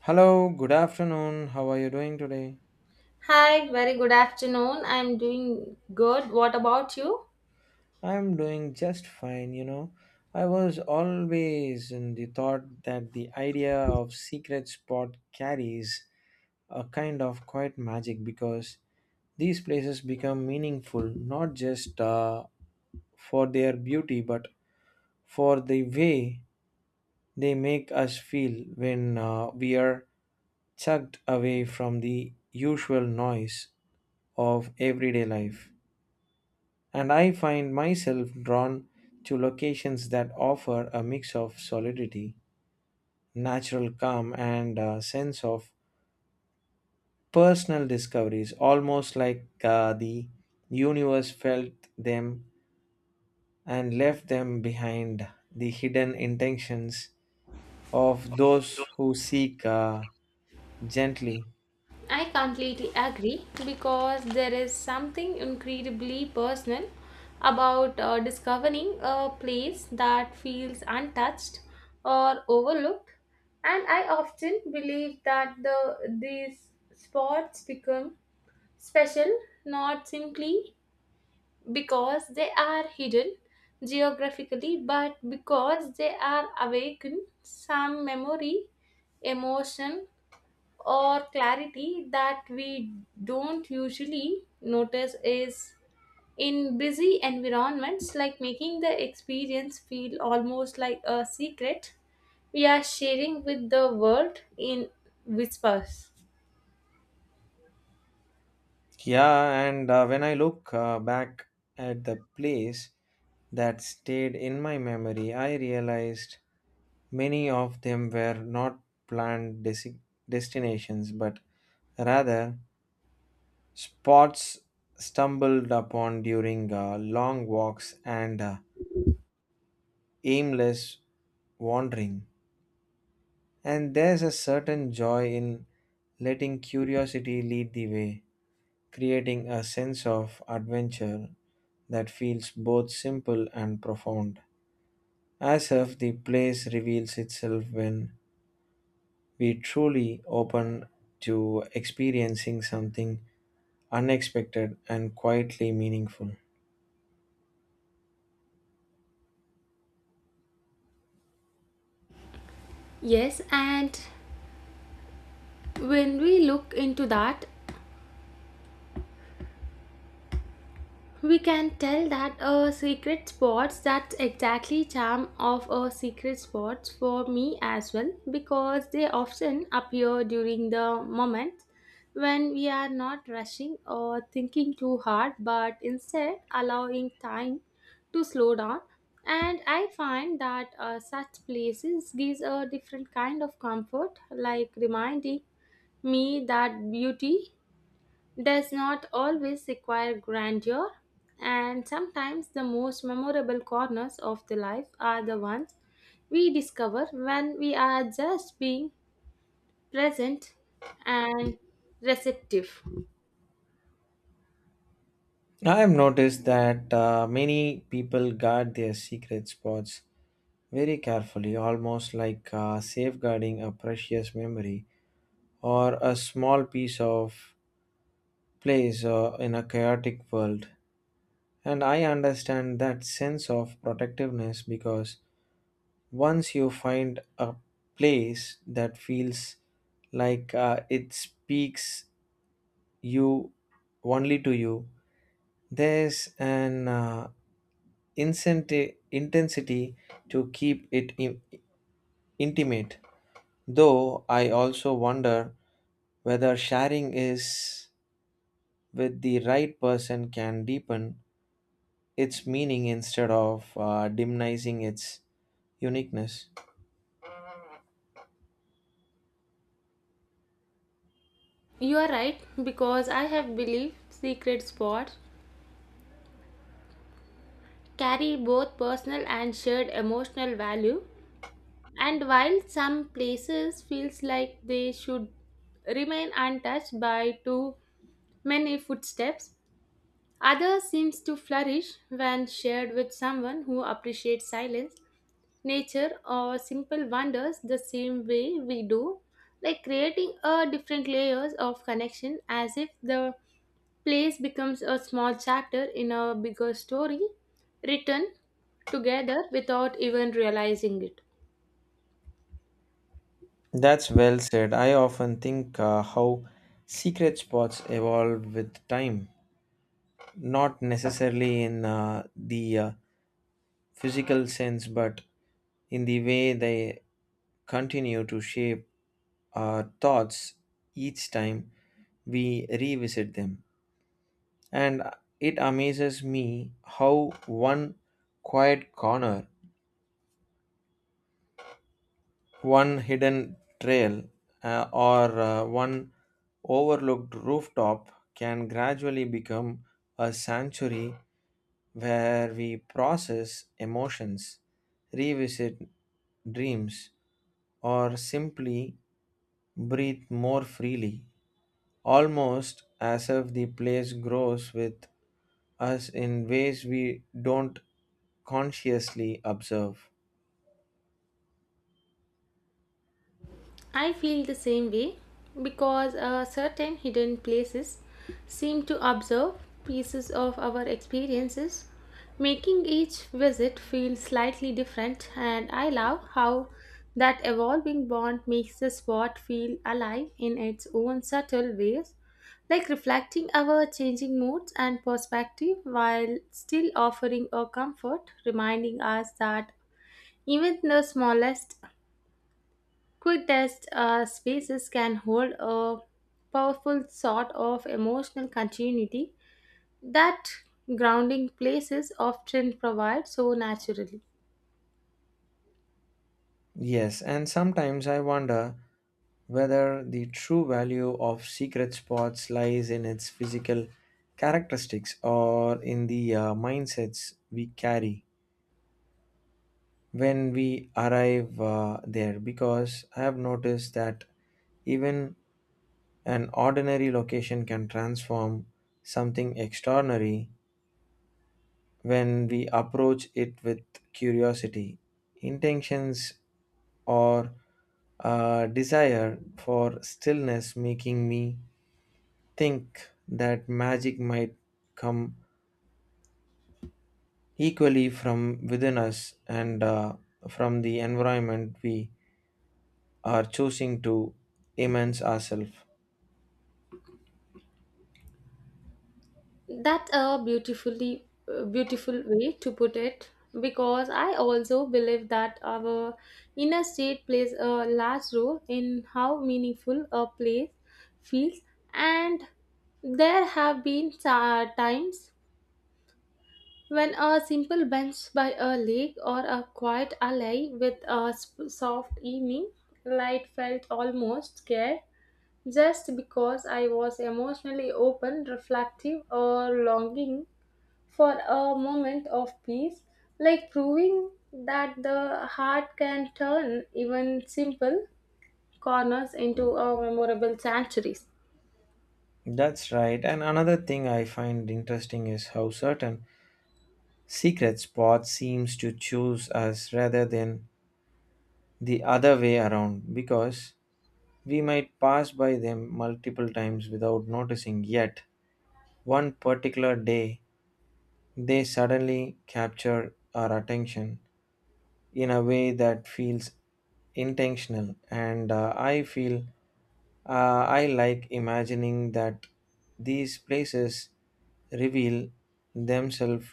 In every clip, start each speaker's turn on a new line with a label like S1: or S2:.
S1: Hello, good afternoon. How are you doing today?
S2: Hi, very good afternoon. I'm doing good. What about you?
S1: I'm doing just fine. I was always in the thought that the idea of secret spot carries a kind of quiet magic because these places become meaningful not just for their beauty but for the way they make us feel when we are chucked away from the usual noise of everyday life. And I find myself drawn to locations that offer a mix of solidity, natural calm, and a sense of personal discoveries, almost like the universe felt them and left them behind the hidden intentions of those who seek gently.
S2: I completely agree because there is something incredibly personal about discovering a place that feels untouched or overlooked. And I often believe that these spots become special not simply because they are hidden geographically, but because they are awaken some memory, emotion, or clarity that we don't usually notice is in busy environments, like making the experience feel almost like a secret we are sharing with the world in whispers.
S1: Yeah, and when I look back at the place that stayed in my memory, I realized many of them were not planned destinations, but rather spots stumbled upon during long walks and aimless wandering. And there's a certain joy in letting curiosity lead the way, creating a sense of adventure that feels both simple and profound, as if the place reveals itself when we truly open to experiencing something unexpected and quietly meaningful.
S2: Yes, and when we look into that, we can tell that a secret spots that's exactly charm of a secret spots for me as well because they often appear during the moment when we are not rushing or thinking too hard but instead allowing time to slow down. And I find that such places gives a different kind of comfort, like reminding me that beauty does not always require grandeur, and sometimes the most memorable corners of the life are the ones we discover when we are just being present and receptive.
S1: I have noticed that many people guard their secret spots very carefully, almost like safeguarding a precious memory or a small piece of place in a chaotic world. And I understand that sense of protectiveness because once you find a place that feels like it speaks you only to you, there's an intensity to keep it intimate. Though I also wonder whether sharing is with the right person can deepen its meaning instead of diminishing its uniqueness.
S2: You are right, because I have believed secret spots carry both personal and shared emotional value. And while some places feels like they should remain untouched by too many footsteps, other seems to flourish when shared with someone who appreciates silence, nature, or simple wonders the same way we do, like creating a different layers of connection as if the place becomes a small chapter in a bigger story written together without even realizing it.
S1: That's well said. I often think how secret spots evolve with time, not necessarily in the physical sense, but in the way they continue to shape our thoughts each time we revisit them. And it amazes me how one quiet corner, one hidden trail, or one overlooked rooftop can gradually become a sanctuary where we process emotions, revisit dreams, or simply breathe more freely, almost as if the place grows with us in ways we don't consciously observe.
S2: I feel the same way because certain hidden places seem to observe pieces of our experiences, making each visit feel slightly different. And I love how that evolving bond makes the spot feel alive in its own subtle ways, like reflecting our changing moods and perspective while still offering a comfort, reminding us that even the smallest quick test spaces can hold a powerful sort of emotional continuity that grounding places often provide so naturally.
S1: Yes, and sometimes I wonder whether the true value of secret spots lies in its physical characteristics or in the mindsets we carry when we arrive there. Because I have noticed that even an ordinary location can transform something extraordinary when we approach it with curiosity, intentions, or a desire for stillness, making me think that magic might come equally from within us and from the environment we are choosing to immerse ourselves.
S2: That's a beautiful way to put it because I also believe that our inner state plays a large role in how meaningful a place feels. And there have been times when a simple bench by a lake or a quiet alley with a soft evening light felt almost scared just because I was emotionally open, reflective, or longing for a moment of peace, like proving that the heart can turn even simple corners into a memorable sanctuaries.
S1: That's right. And another thing I find interesting is how certain secret spot seems to choose us rather than the other way around, because we might pass by them multiple times without noticing, yet one particular day, they suddenly captured our attention in a way that feels intentional, and I like imagining that these places reveal themselves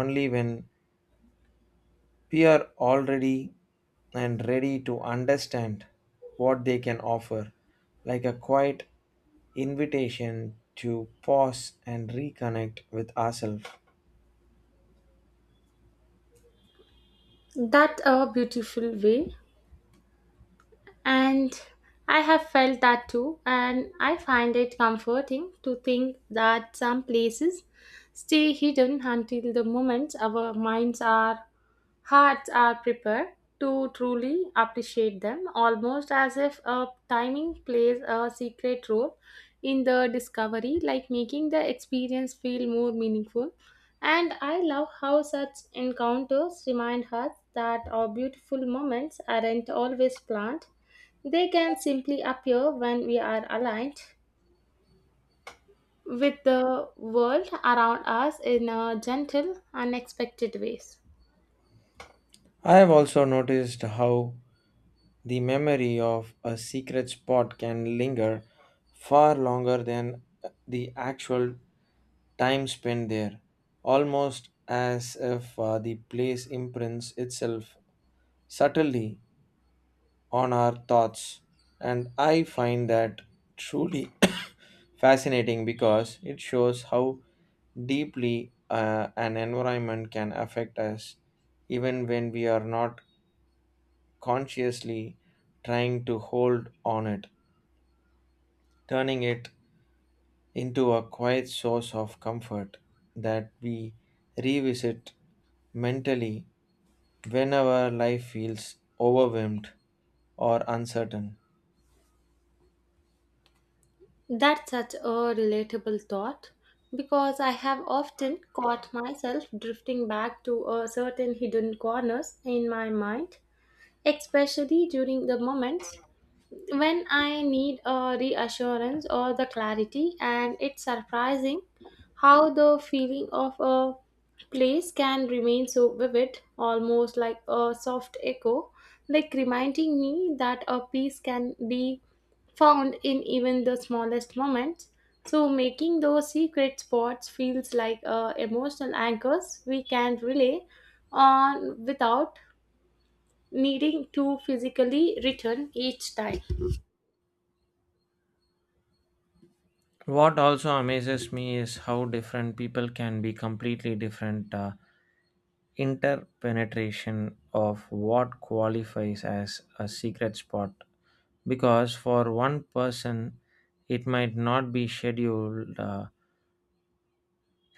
S1: only when we are already and ready to understand what they can offer, like a quiet invitation to pause and reconnect with ourselves.
S2: That a beautiful way. And I have felt that too, and I find it comforting to think that some places stay hidden until the moment our minds are hearts are prepared to truly appreciate them, almost as if a timing plays a secret role in the discovery, like making the experience feel more meaningful. And I love how such encounters remind us that our beautiful moments aren't always planned. They can simply appear when we are aligned with the world around us in a gentle, unexpected ways.
S1: I have also noticed how the memory of a secret spot can linger far longer than the actual time spent there, almost as if the place imprints itself subtly on our thoughts. And I find that truly fascinating because it shows how deeply an environment can affect us even when we are not consciously trying to hold on it, turning it into a quiet source of comfort that we revisit mentally whenever life feels overwhelmed or uncertain.
S2: That's such a relatable thought because I have often caught myself drifting back to a certain hidden corners in my mind, especially during the moments when I need a reassurance or the clarity, and it's surprising how the feeling of a place can remain so vivid, almost like a soft echo, like reminding me that a peace can be found in even the smallest moments. So, making those secret spots feels like emotional anchors we can rely on without needing to physically return each time.
S1: What also amazes me is how different people can be completely different interpenetration of what qualifies as a secret spot. Because for one person, it might not be scheduled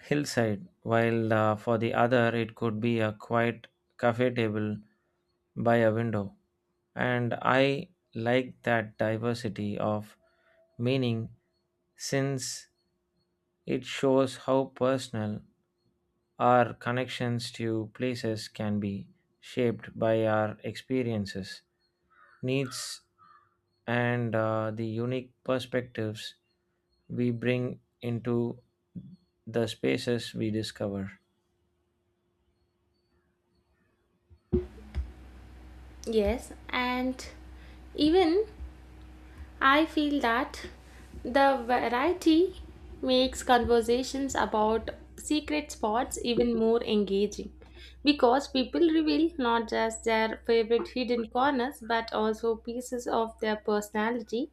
S1: hillside, while for the other it could be a quiet cafe table by a window. And I like that diversity of meaning since it shows how personal our connections to places can be shaped by our experiences, needs, and the unique perspectives we bring into the spaces we discover.
S2: Yes, and even I feel that the variety makes conversations about secret spots even more engaging because people reveal not just their favorite hidden corners but also pieces of their personality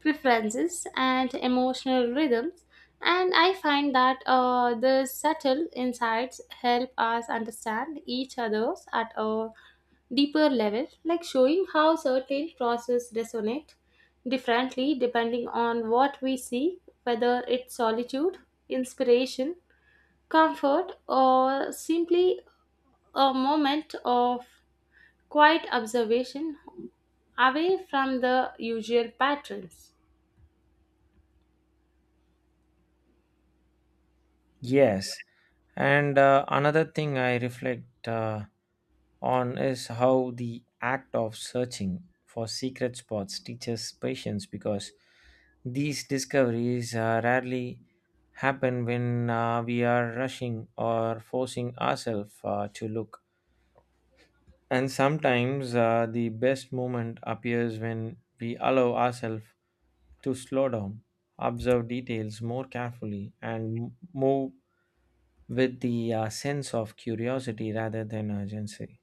S2: preferences and emotional rhythms. And I find that the subtle insights help us understand each other's at a deeper level, like showing how certain processes resonate differently depending on what we see, whether it's solitude, inspiration, comfort, or simply a moment of quiet observation away from the usual patterns.
S1: Yes, and another thing I reflect on is how the act of searching for secret spots teaches patience because these discoveries rarely happen when we are rushing or forcing ourselves to look. And sometimes the best moment appears when we allow ourselves to slow down, observe details more carefully, and move with the sense of curiosity rather than urgency,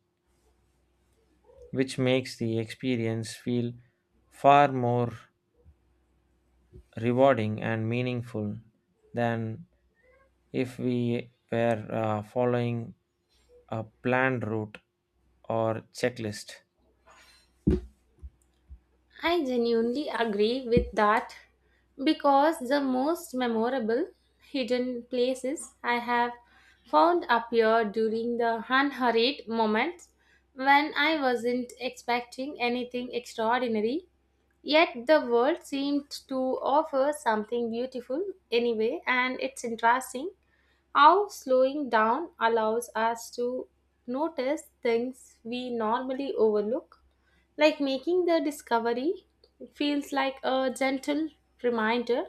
S1: which makes the experience feel far more rewarding and meaningful than if we were following a planned route or checklist.
S2: I genuinely agree with that because the most memorable hidden places I have found appear during the unhurried moments when I wasn't expecting anything extraordinary. Yet the world seemed to offer something beautiful anyway, and it's interesting how slowing down allows us to notice things we normally overlook, like making the discovery feels like a gentle reminder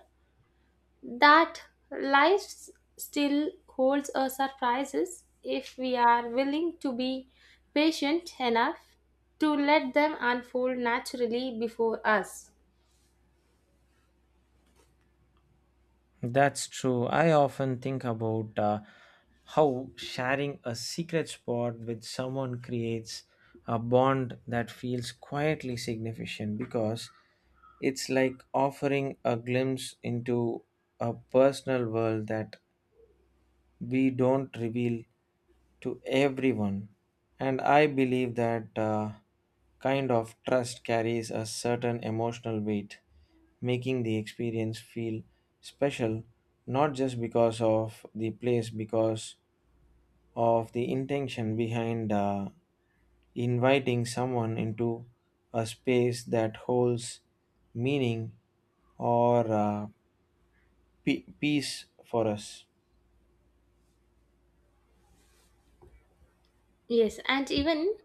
S2: that life still holds a surprises if we are willing to be patient enough to let them unfold naturally before us.
S1: That's true. I often think about how sharing a secret spot with someone creates a bond that feels quietly significant because it's like offering a glimpse into a personal world that we don't reveal to everyone. And I believe that kind of trust carries a certain emotional weight, making the experience feel special not just because of the place, because of the intention behind inviting someone into a space that holds meaning or peace for us.
S2: Yes, and even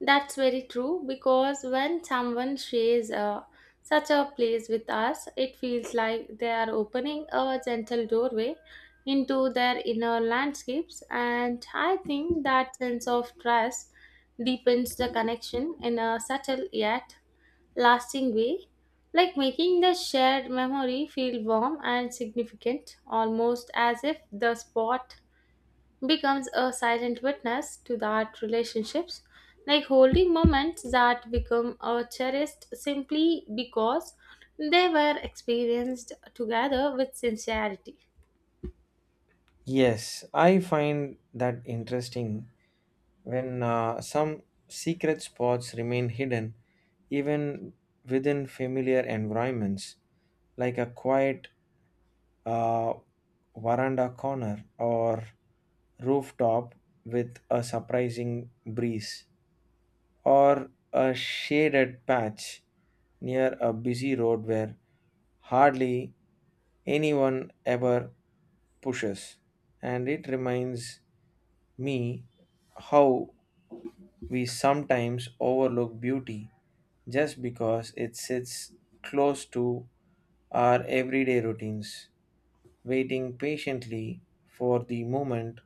S2: that's very true because when someone shares such a place with us, it feels like they are opening a gentle doorway into their inner landscapes, and I think that sense of trust deepens the connection in a subtle yet lasting way, like making the shared memory feel warm and significant, almost as if the spot becomes a silent witness to that relationships, like holding moments that become a cherished simply because they were experienced together with sincerity.
S1: Yes, I find that interesting when some secret spots remain hidden even within familiar environments, like a quiet uh, veranda corner or rooftop with a surprising breeze, or a shaded patch near a busy road where hardly anyone ever pushes, and it reminds me how we sometimes overlook beauty just because it sits close to our everyday routines, waiting patiently for the moment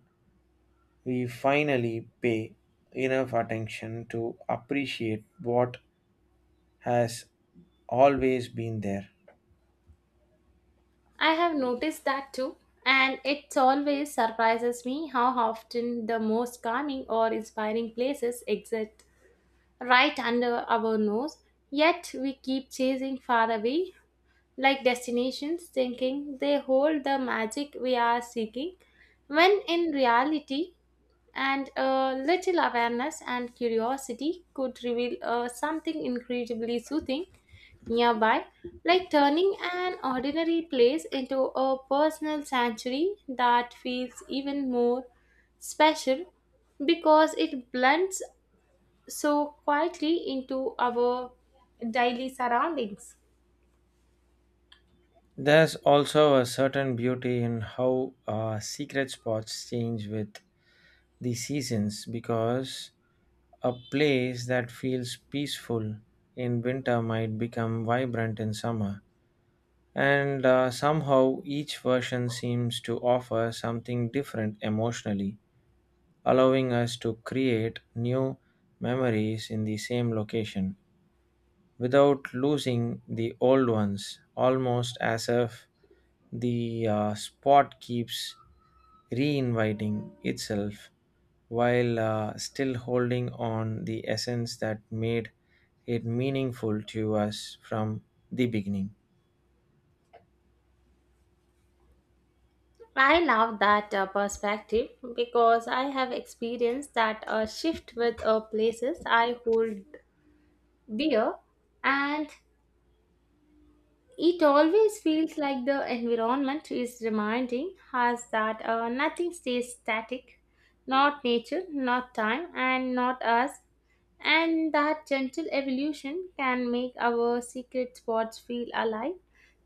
S1: we finally pay enough attention to appreciate what has always been there.
S2: I have noticed that too, and it always surprises me how often the most calming or inspiring places exist right under our nose, yet we keep chasing far away like destinations, thinking they hold the magic we are seeking, when in reality, and a little awareness and curiosity could reveal something incredibly soothing nearby, like turning an ordinary place into a personal sanctuary that feels even more special because it blends so quietly into our daily surroundings.
S1: There's also a certain beauty in how secret spots change with the seasons because a place that feels peaceful in winter might become vibrant in summer, and somehow each version seems to offer something different emotionally, allowing us to create new memories in the same location without losing the old ones, almost as if the spot keeps reinviting itself while still holding on the essence that made it meaningful to us from the beginning.
S2: I love that perspective because I have experienced that shift with places I hold dear, and it always feels like the environment is reminding us that nothing stays static, not nature, not time, and not us. And that gentle evolution can make our secret spots feel alive,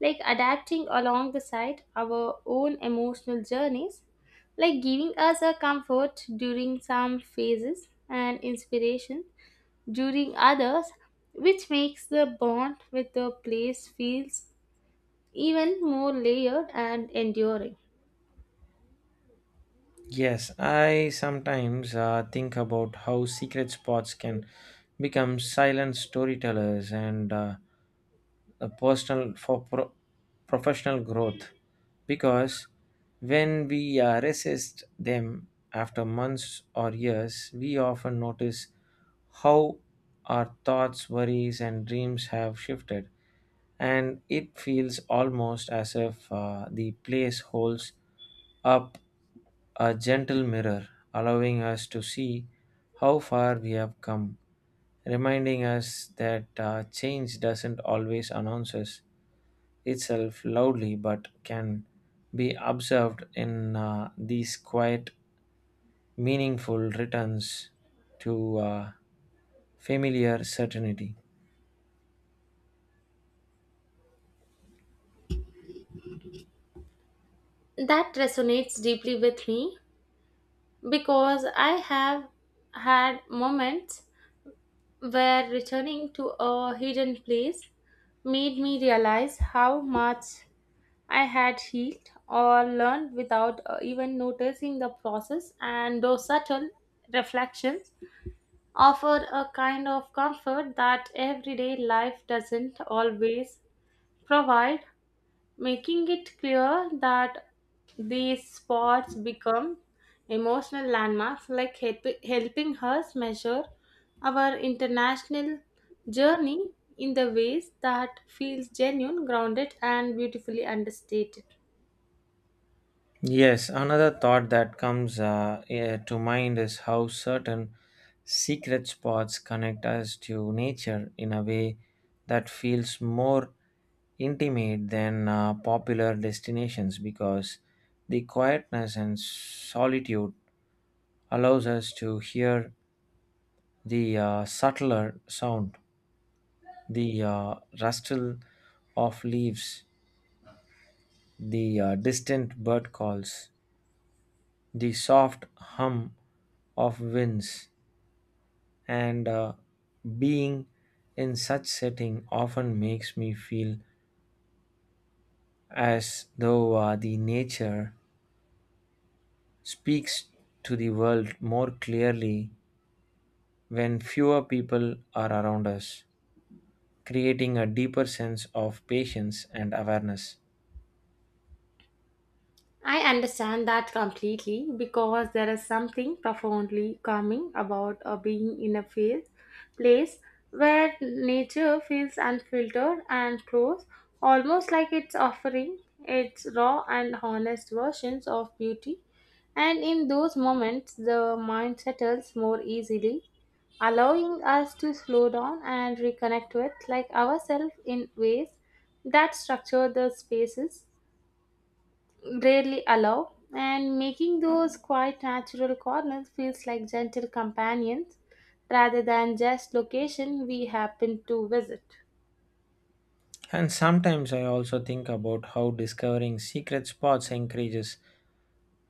S2: like adapting along the side our own emotional journeys, like giving us a comfort during some phases and inspiration during others, which makes the bond with the place feels even more layered and enduring.
S1: Yes, I sometimes think about how secret spots can become silent storytellers and personal for professional growth, because when we resist them after months or years, we often notice how our thoughts, worries, and dreams have shifted, and it feels almost as if the place holds up a gentle mirror, allowing us to see how far we have come, reminding us that change doesn't always announce us itself loudly but can be observed in these quiet, meaningful returns to familiar certainty.
S2: That resonates deeply with me because I have had moments where returning to a hidden place made me realize how much I had healed or learned without even noticing the process, and those subtle reflections offer a kind of comfort that everyday life doesn't always provide, making it clear that these spots become emotional landmarks, like helping us measure our international journey in the ways that feels genuine, grounded, and beautifully understated.
S1: Yes, another thought that comes to mind is how certain secret spots connect us to nature in a way that feels more intimate than popular destinations because the quietness and solitude allows us to hear the subtler sound, the rustle of leaves, the distant bird calls, the soft hum of winds, and being in such setting often makes me feel as though the nature speaks to the world more clearly when fewer people are around us, creating a deeper sense of patience and awareness.
S2: I understand that completely because there is something profoundly calming about being in a place where nature feels unfiltered and close, almost like it's offering its raw and honest versions of beauty. And in those moments, the mind settles more easily, allowing us to slow down and reconnect with like ourselves in ways that structure the spaces rarely allow, and making those quite natural corners feels like gentle companions rather than just location we happen to visit.
S1: And sometimes I also think about how discovering secret spots encourages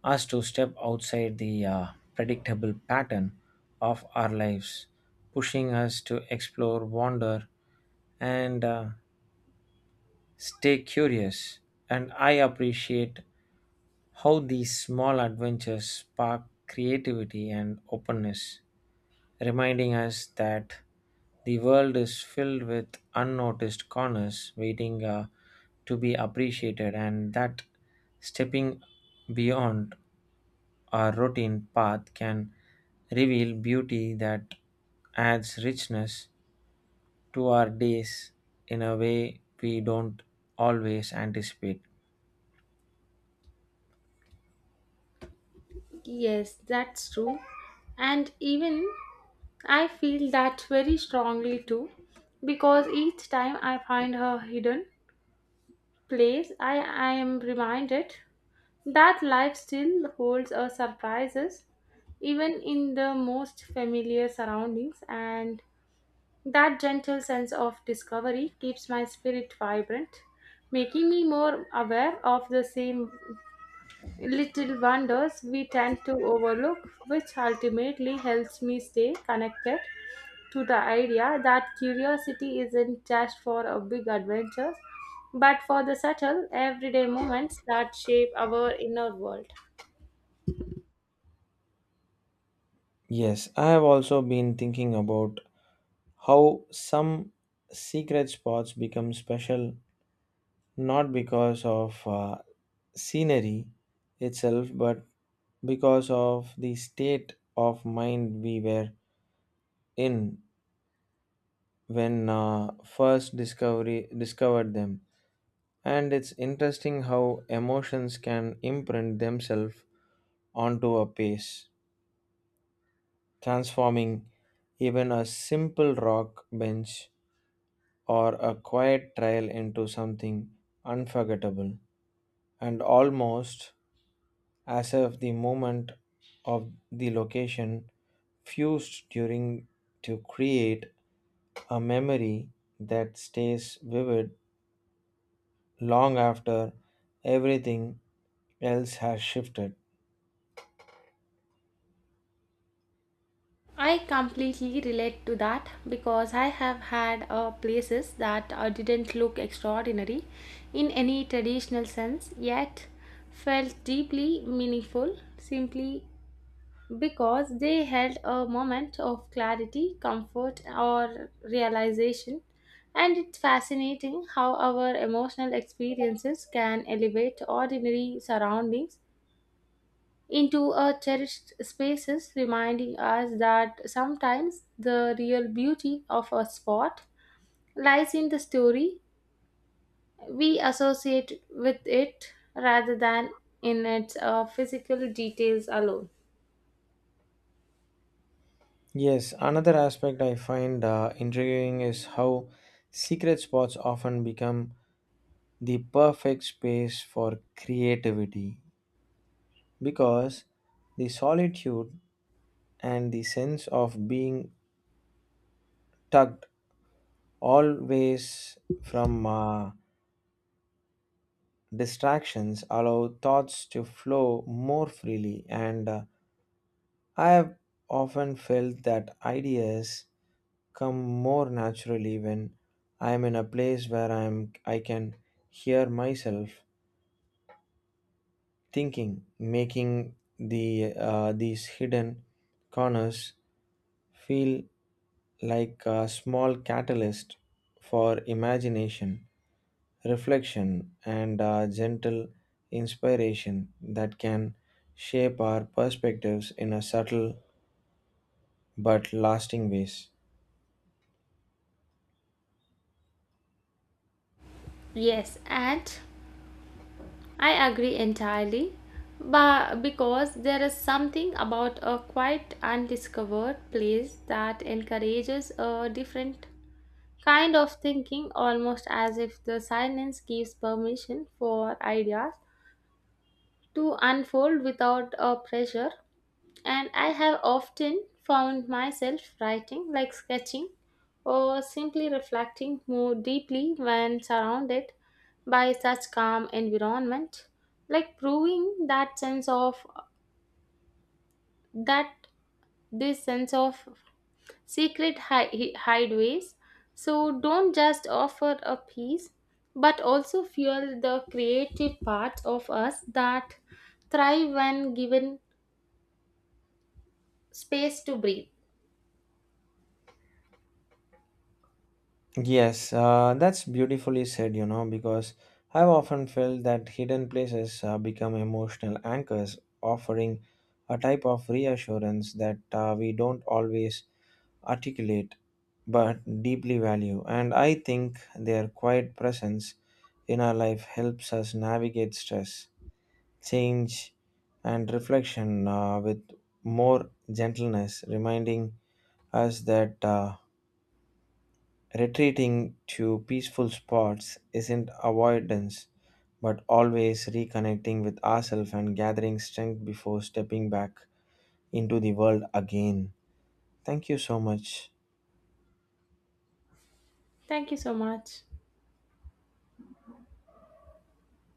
S1: us to step outside the predictable pattern of our lives, pushing us to explore, wander, and stay curious. And I appreciate how these small adventures spark creativity and openness, reminding us that the world is filled with unnoticed corners waiting to be appreciated, and that stepping beyond our routine path can reveal beauty that adds richness to our days in a way we don't always anticipate.
S2: Yes, that's true. And even I feel that very strongly too, because each time I find her hidden place, I am reminded that life still holds her surprises, even in the most familiar surroundings. And that gentle sense of discovery keeps my spirit vibrant, making me more aware of the same little wonders we tend to overlook, which ultimately helps me stay connected to the idea that curiosity isn't just for a big adventures, but for the subtle, everyday moments that shape our inner world.
S1: Yes, I have also been thinking about how some secret spots become special not because of scenery itself, but because of the state of mind we were in when first discovery discovered them. And it's interesting how emotions can imprint themselves onto a place, transforming even a simple rock bench or a quiet trail into something unforgettable, and almost as if the moment of the location fused during to create a memory that stays vivid long after everything else has shifted.
S2: I completely relate to that because I have had places that didn't look extraordinary in any traditional sense yet felt deeply meaningful simply because they held a moment of clarity, comfort, or realization. And it's fascinating how our emotional experiences can elevate ordinary surroundings into our cherished spaces, reminding us that sometimes the real beauty of a spot lies in the story we associate with it rather than in its physical details alone.
S1: Yes, another aspect I find intriguing is how secret spots often become the perfect space for creativity because the solitude and the sense of being tucked always from distractions allow thoughts to flow more freely, and I have often felt that ideas come more naturally when I am in a place where I can hear myself thinking, making these hidden corners feel like a small catalyst for imagination, reflection, and a gentle inspiration that can shape our perspectives in a subtle but lasting ways.
S2: Yes, and I agree entirely. But because there is something about a quite undiscovered place that encourages a different kind of thinking, almost as if the silence gives permission for ideas to unfold without a pressure. And I have often found myself writing, like sketching, or simply reflecting more deeply when surrounded by such calm environment, like proving that sense of that this sense of secret hideaways. So don't just offer a piece, but also fuel the creative parts of us that thrive when given space to breathe.
S1: Yes, that's beautifully said, because I've often felt that hidden places become emotional anchors, offering a type of reassurance that we don't always articulate but deeply value. And I think their quiet presence in our life helps us navigate stress, change, and reflection with more gentleness, reminding us that retreating to peaceful spots isn't avoidance but always reconnecting with ourselves and gathering strength before stepping back into the world again. Thank you so much.
S2: Thank you so much.